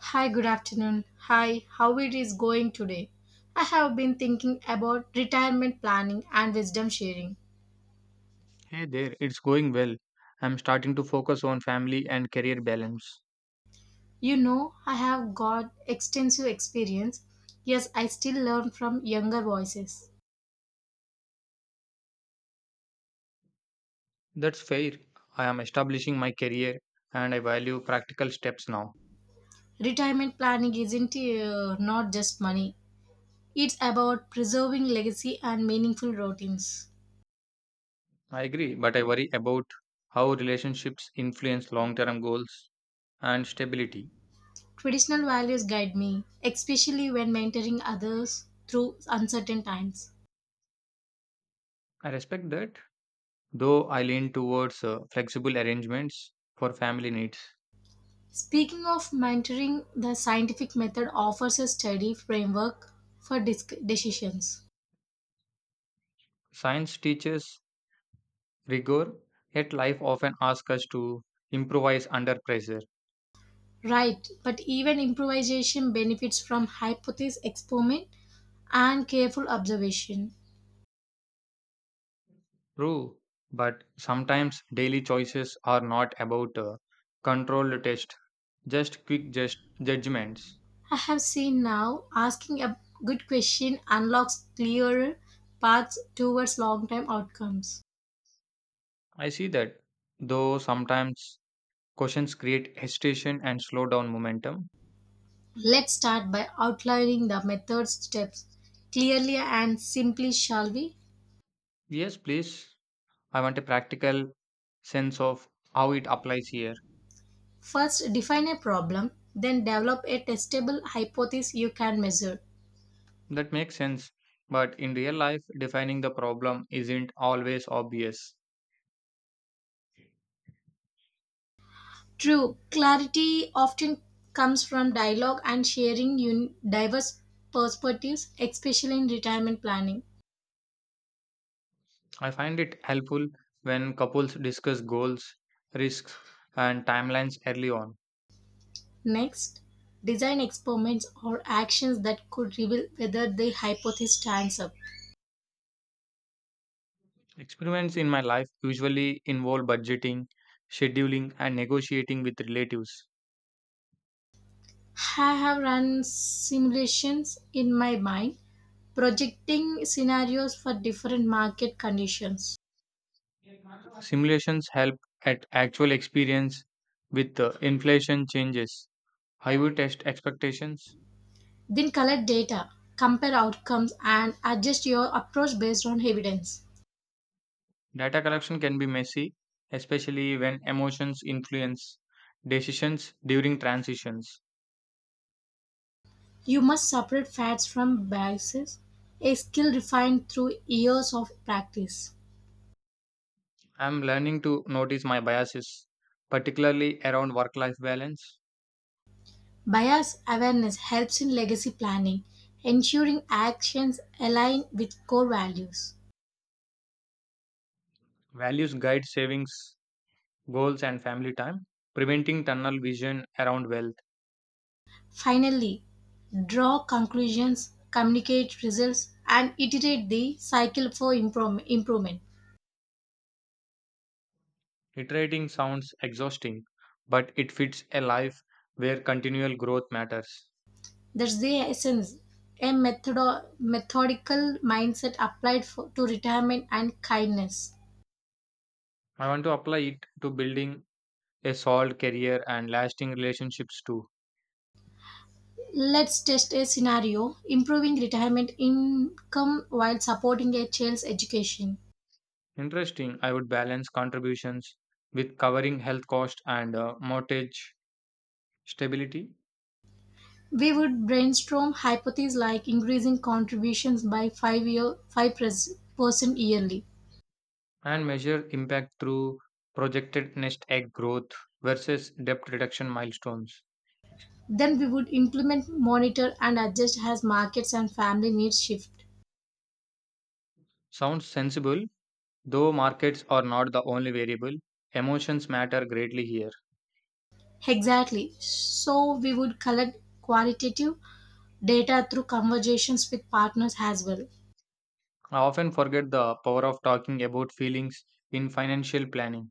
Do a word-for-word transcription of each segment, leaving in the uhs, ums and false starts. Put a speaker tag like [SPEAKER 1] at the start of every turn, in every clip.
[SPEAKER 1] Hi, good afternoon. Hi, how it is going today? I have been thinking about retirement planning and wisdom sharing.
[SPEAKER 2] Hey there, it's going well. I'm starting to focus on family and career balance.
[SPEAKER 1] You know, I have got extensive experience. Yes, I still learn from younger voices.
[SPEAKER 2] That's fair. I am establishing my career, and I value practical steps now.
[SPEAKER 1] Retirement planning isn't uh, not just money. It's about preserving legacy and meaningful routines.
[SPEAKER 2] I agree, but I worry about how relationships influence long term goals and stability.
[SPEAKER 1] Traditional values guide me, especially when mentoring others through uncertain times.
[SPEAKER 2] I respect that, though I lean towards uh, flexible arrangements for family needs.
[SPEAKER 1] Speaking of mentoring, the scientific method offers a steady framework for disc- decisions.
[SPEAKER 2] Science teaches rigor, yet life often asks us to improvise under pressure.
[SPEAKER 1] Right, but even improvisation benefits from hypothesis experiment and careful observation.
[SPEAKER 2] True, but sometimes daily choices are not about uh, controlled test, just quick just judgments.
[SPEAKER 1] I have seen now asking a good question unlocks clearer paths towards long term outcomes.
[SPEAKER 2] I see that, though sometimes questions create hesitation and slow down momentum.
[SPEAKER 1] Let's start by outlining the method steps clearly and simply, shall we?
[SPEAKER 2] Yes, please. I want a practical sense of how it applies here.
[SPEAKER 1] First, define a problem, then develop a testable hypothesis you can measure.
[SPEAKER 2] That makes sense, but in real life, defining the problem isn't always obvious.
[SPEAKER 1] True, clarity often comes from dialogue and sharing un- diverse perspectives, especially in retirement planning.
[SPEAKER 2] I find it helpful when couples discuss goals, risks, and timelines early on.
[SPEAKER 1] Next, design experiments or actions that could reveal whether the hypothesis stands up.
[SPEAKER 2] Experiments in my life usually involve budgeting, scheduling, and negotiating with relatives.
[SPEAKER 1] I have run simulations in my mind, projecting scenarios for different market conditions.
[SPEAKER 2] Simulations help at actual experience with uh, inflation changes. How you test expectations?
[SPEAKER 1] Then collect data, compare outcomes, and adjust your approach based on evidence.
[SPEAKER 2] Data collection can be messy, especially when emotions influence decisions during transitions.
[SPEAKER 1] You must separate facts from biases, a skill refined through years of practice.
[SPEAKER 2] I'm learning to notice my biases, particularly around work life balance.
[SPEAKER 1] Bias awareness helps in legacy planning, ensuring actions align with core values.
[SPEAKER 2] Values guide savings, goals, and family time, preventing tunnel vision around wealth.
[SPEAKER 1] Finally, draw conclusions, communicate results, and iterate the cycle for improm- improvement.
[SPEAKER 2] Iterating sounds exhausting, but it fits a life where continual growth matters.
[SPEAKER 1] That's the essence. A methodo- methodical mindset applied for, to retirement and kindness.
[SPEAKER 2] I want to apply it to building a solid career and lasting relationships too.
[SPEAKER 1] Let's test a scenario improving retirement income while supporting a child's education.
[SPEAKER 2] Interesting, I would balance contributions with covering health costs and uh, mortgage stability,
[SPEAKER 1] We would brainstorm hypotheses like increasing contributions by five year five percent yearly.
[SPEAKER 2] and measure impact through projected nest egg growth versus debt reduction milestones.
[SPEAKER 1] Then we would implement, monitor, and adjust as markets and family needs shift.
[SPEAKER 2] Sounds sensible, though markets are not the only variable. Emotions matter greatly here.
[SPEAKER 1] Exactly. So we would collect qualitative data through conversations with partners as well.
[SPEAKER 2] I often forget the power of talking about feelings in financial planning.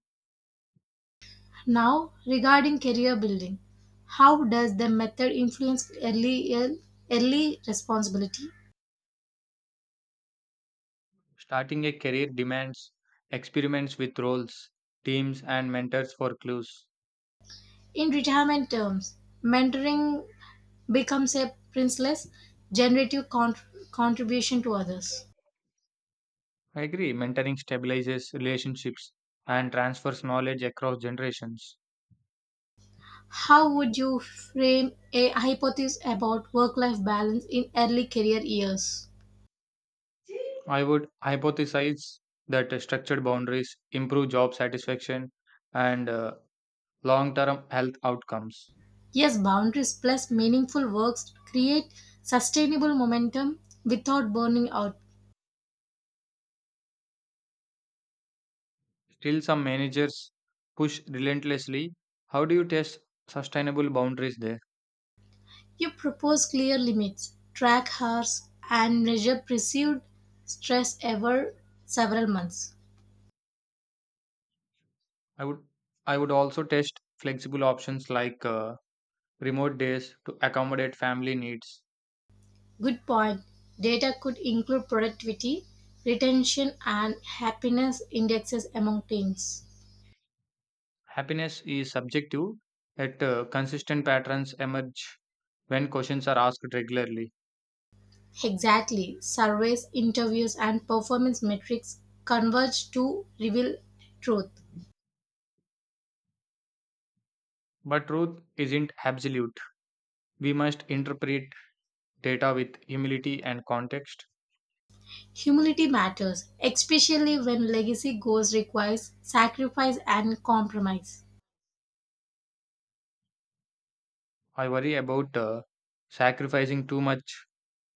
[SPEAKER 1] Now, regarding career building, how does the method influence early, early responsibility?
[SPEAKER 2] Starting a career demands experiments with roles, teams, and mentors for clues.
[SPEAKER 1] In retirement terms, mentoring becomes a priceless generative cont- contribution to others.
[SPEAKER 2] I agree, mentoring stabilizes relationships and transfers knowledge across generations.
[SPEAKER 1] How would you frame a hypothesis about work life balance in early career years?
[SPEAKER 2] I would hypothesize that structured boundaries improve job satisfaction and uh, long term health outcomes.
[SPEAKER 1] Yes, boundaries plus meaningful works create sustainable momentum without burning out.
[SPEAKER 2] Still, some managers push relentlessly. How do you test sustainable boundaries there?
[SPEAKER 1] You propose clear limits, track hours, and measure perceived stress over several months.
[SPEAKER 2] I would I would also test flexible options like uh, remote days to accommodate family needs.
[SPEAKER 1] Good point. Data could include productivity, retention, and happiness indexes among teens.
[SPEAKER 2] Happiness is subjective, yet uh, consistent patterns emerge when questions are asked regularly.
[SPEAKER 1] Exactly. Surveys, interviews, and performance metrics converge to reveal truth.
[SPEAKER 2] But truth isn't absolute. We must interpret data with humility and context.
[SPEAKER 1] Humility matters, especially when legacy goals requires sacrifice and compromise.
[SPEAKER 2] I worry about uh, sacrificing too much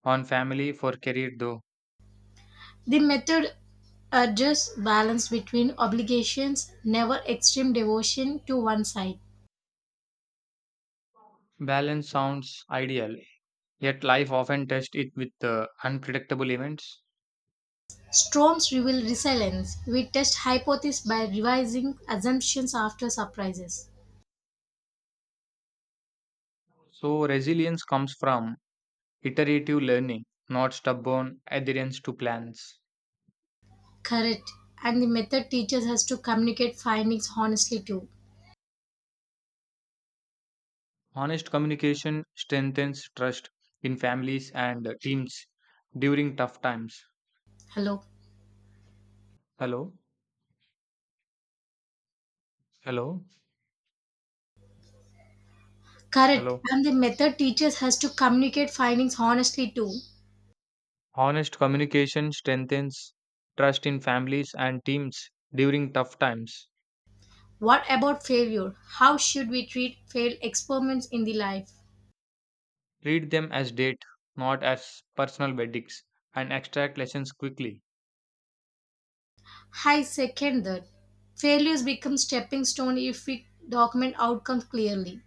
[SPEAKER 2] on family for career though.
[SPEAKER 1] The method urges balance between obligations, never extreme devotion to one side.
[SPEAKER 2] Balance sounds ideal, yet life often tests it with uh, unpredictable events.
[SPEAKER 1] Storms reveal resilience. We test hypotheses by revising assumptions after surprises.
[SPEAKER 2] So, resilience comes from iterative learning, not stubborn adherence to plans.
[SPEAKER 1] Correct. And the method teaches us to communicate findings honestly too.
[SPEAKER 2] Honest communication strengthens trust in families and teams during tough times.
[SPEAKER 1] Hello.
[SPEAKER 2] Hello, hello,
[SPEAKER 1] Correct.
[SPEAKER 2] hello.
[SPEAKER 1] And the method teaches us to communicate findings honestly too.
[SPEAKER 2] Honest communication strengthens trust in families and teams during tough times.
[SPEAKER 1] What about failure? How should we treat failed experiments in the life?
[SPEAKER 2] Treat them as date, not as personal verdicts, and extract lessons quickly.
[SPEAKER 1] I second that. Failures become stepping stone if we document outcomes clearly.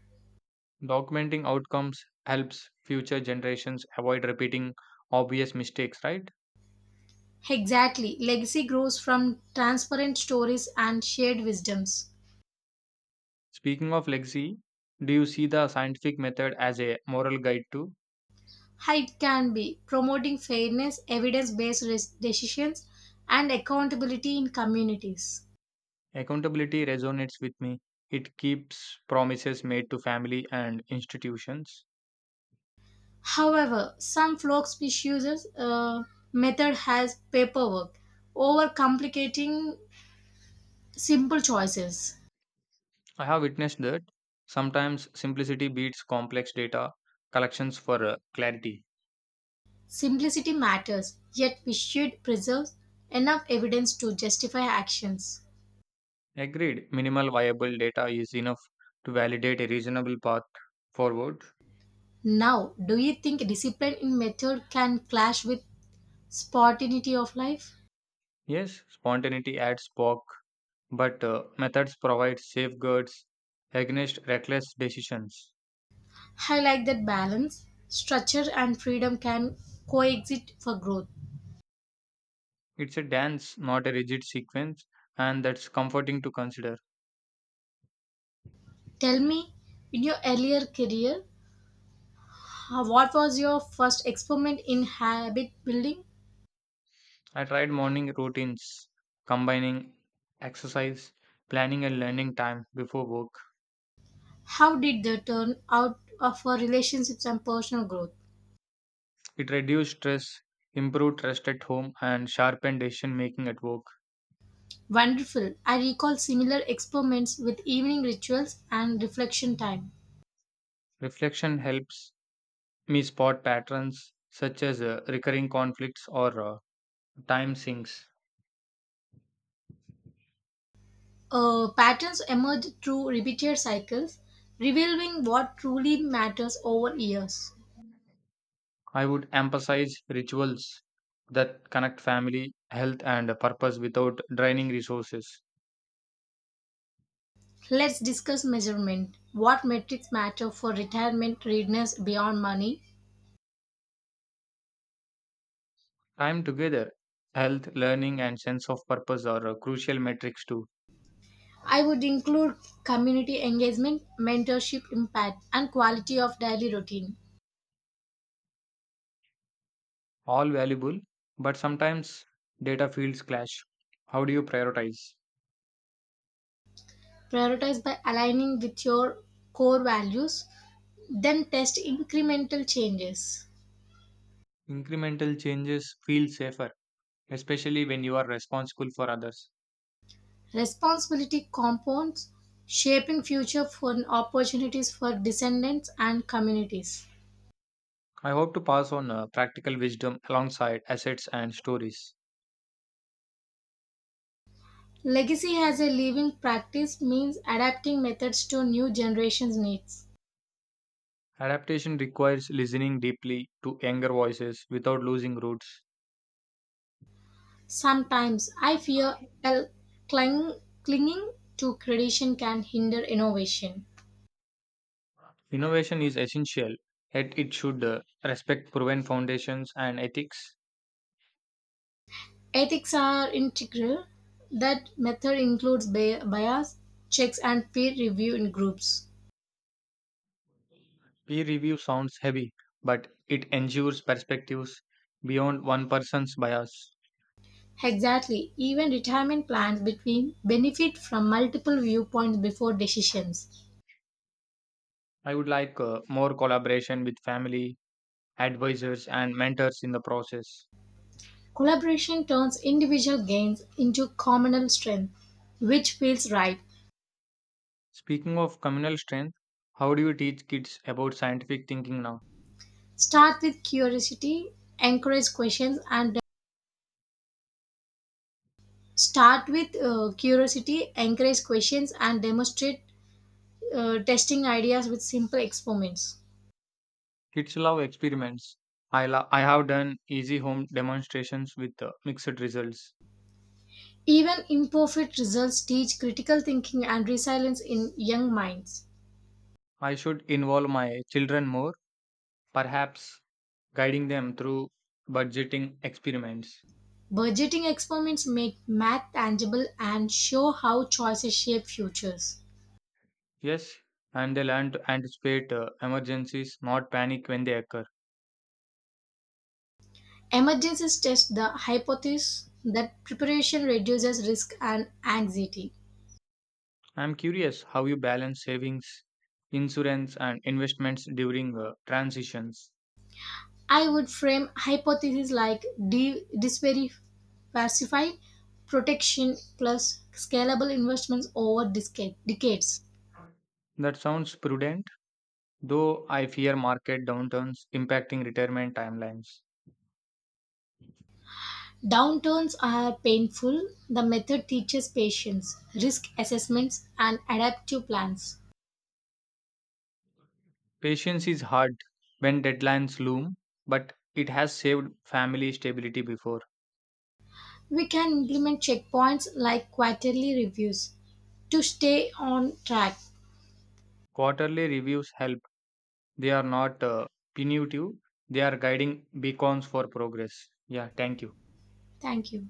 [SPEAKER 2] Documenting outcomes helps future generations avoid repeating obvious mistakes, right?
[SPEAKER 1] Exactly. Legacy grows from transparent stories and shared wisdoms.
[SPEAKER 2] Speaking of legacy, do you see the scientific method as a moral guide too?
[SPEAKER 1] How it can be promoting fairness, evidence based decisions, and accountability in communities.
[SPEAKER 2] Accountability resonates with me. It keeps promises made to family and institutions.
[SPEAKER 1] However, some folks misuses uh, method has paperwork, overcomplicating simple choices.
[SPEAKER 2] I have witnessed that sometimes simplicity beats complex data collections for uh, clarity.
[SPEAKER 1] Simplicity matters, yet we should preserve enough evidence to justify actions.
[SPEAKER 2] Agreed, minimal viable data is enough to validate a reasonable path forward.
[SPEAKER 1] Now, do you think discipline in method can clash with spontaneity of life?
[SPEAKER 2] Yes, spontaneity adds spark but uh, methods provide safeguards against reckless decisions.
[SPEAKER 1] I like that balance. Structure and freedom can coexist for growth.
[SPEAKER 2] It's a dance, not a rigid sequence, and that's comforting to consider.
[SPEAKER 1] Tell me, in your earlier career, how- what was your first experiment in habit building?
[SPEAKER 2] I tried morning routines, combining exercise, planning, and learning time before work.
[SPEAKER 1] How did that turn out uh, for relationships and personal growth?
[SPEAKER 2] It reduced stress, improved rest at home, and sharpened decision making at work.
[SPEAKER 1] Wonderful. I recall similar experiments with evening rituals and reflection time.
[SPEAKER 2] Reflection helps me spot patterns such as uh, recurring conflicts or uh, time sinks.
[SPEAKER 1] Uh, patterns emerge through repeated cycles, revealing what truly matters over years.
[SPEAKER 2] I would emphasize rituals that connect family, health, and purpose without draining resources.
[SPEAKER 1] Let's discuss measurement. What metrics matter for retirement readiness beyond money?
[SPEAKER 2] Time together, health, learning, and sense of purpose are uh, crucial metrics too.
[SPEAKER 1] I would include community engagement, mentorship impact, and quality of daily routine.
[SPEAKER 2] All valuable, but sometimes data fields clash. How do you prioritize?
[SPEAKER 1] Prioritize by aligning with your core values, then test incremental changes.
[SPEAKER 2] Incremental changes feel safer, especially when you are responsible for others.
[SPEAKER 1] Responsibility compounds, shaping future for opportunities for descendants and communities.
[SPEAKER 2] I hope to pass on uh, practical wisdom alongside assets and stories.
[SPEAKER 1] Legacy as a living practice means adapting methods to new generations' needs.
[SPEAKER 2] Adaptation requires listening deeply to younger voices without losing roots.
[SPEAKER 1] Sometimes I fear a cling, clinging to tradition can hinder innovation.
[SPEAKER 2] Innovation is essential, yet it should uh, respect proven foundations and ethics.
[SPEAKER 1] Ethics are integral. That method includes bi- bias, checks, and peer review in groups.
[SPEAKER 2] Peer review sounds heavy, but it ensures perspectives beyond one person's bias.
[SPEAKER 1] Exactly. Even retirement plans between benefit from multiple viewpoints before decisions.
[SPEAKER 2] I would like uh, more collaboration with family, advisors, and mentors in the process.
[SPEAKER 1] Collaboration turns individual gains into communal strength, which feels right.
[SPEAKER 2] Speaking of communal strength, how do you teach kids about scientific thinking now?
[SPEAKER 1] Start with curiosity, encourage questions, and uh, start with uh, curiosity, encourage questions, and demonstrate uh, testing ideas with simple experiments.
[SPEAKER 2] Kids love experiments. I, lo- I have done easy home demonstrations with uh, mixed results.
[SPEAKER 1] Even imperfect results teach critical thinking and resilience in young minds.
[SPEAKER 2] I should involve my children more, perhaps guiding them through budgeting experiments.
[SPEAKER 1] Budgeting experiments make math tangible and show how choices shape futures.
[SPEAKER 2] Yes, and they learn to anticipate uh, emergencies, not panic when they occur.
[SPEAKER 1] Emergencies test the hypothesis that preparation reduces risk and anxiety.
[SPEAKER 2] I'm curious how you balance savings, insurance, and investments during uh, transitions.
[SPEAKER 1] I would frame hypotheses like de- diversify protection plus scalable investments over disca- decades.
[SPEAKER 2] That sounds prudent, though I fear market downturns impacting retirement timelines.
[SPEAKER 1] Downturns are painful. The method teaches patience, risk assessments, and adaptive plans.
[SPEAKER 2] Patience is hard when deadlines loom, but it has saved family stability before.
[SPEAKER 1] We can implement checkpoints like quarterly reviews to stay on track.
[SPEAKER 2] Quarterly reviews help. They are not uh, punitive, they are guiding beacons for progress. Yeah, thank you.
[SPEAKER 1] Thank you.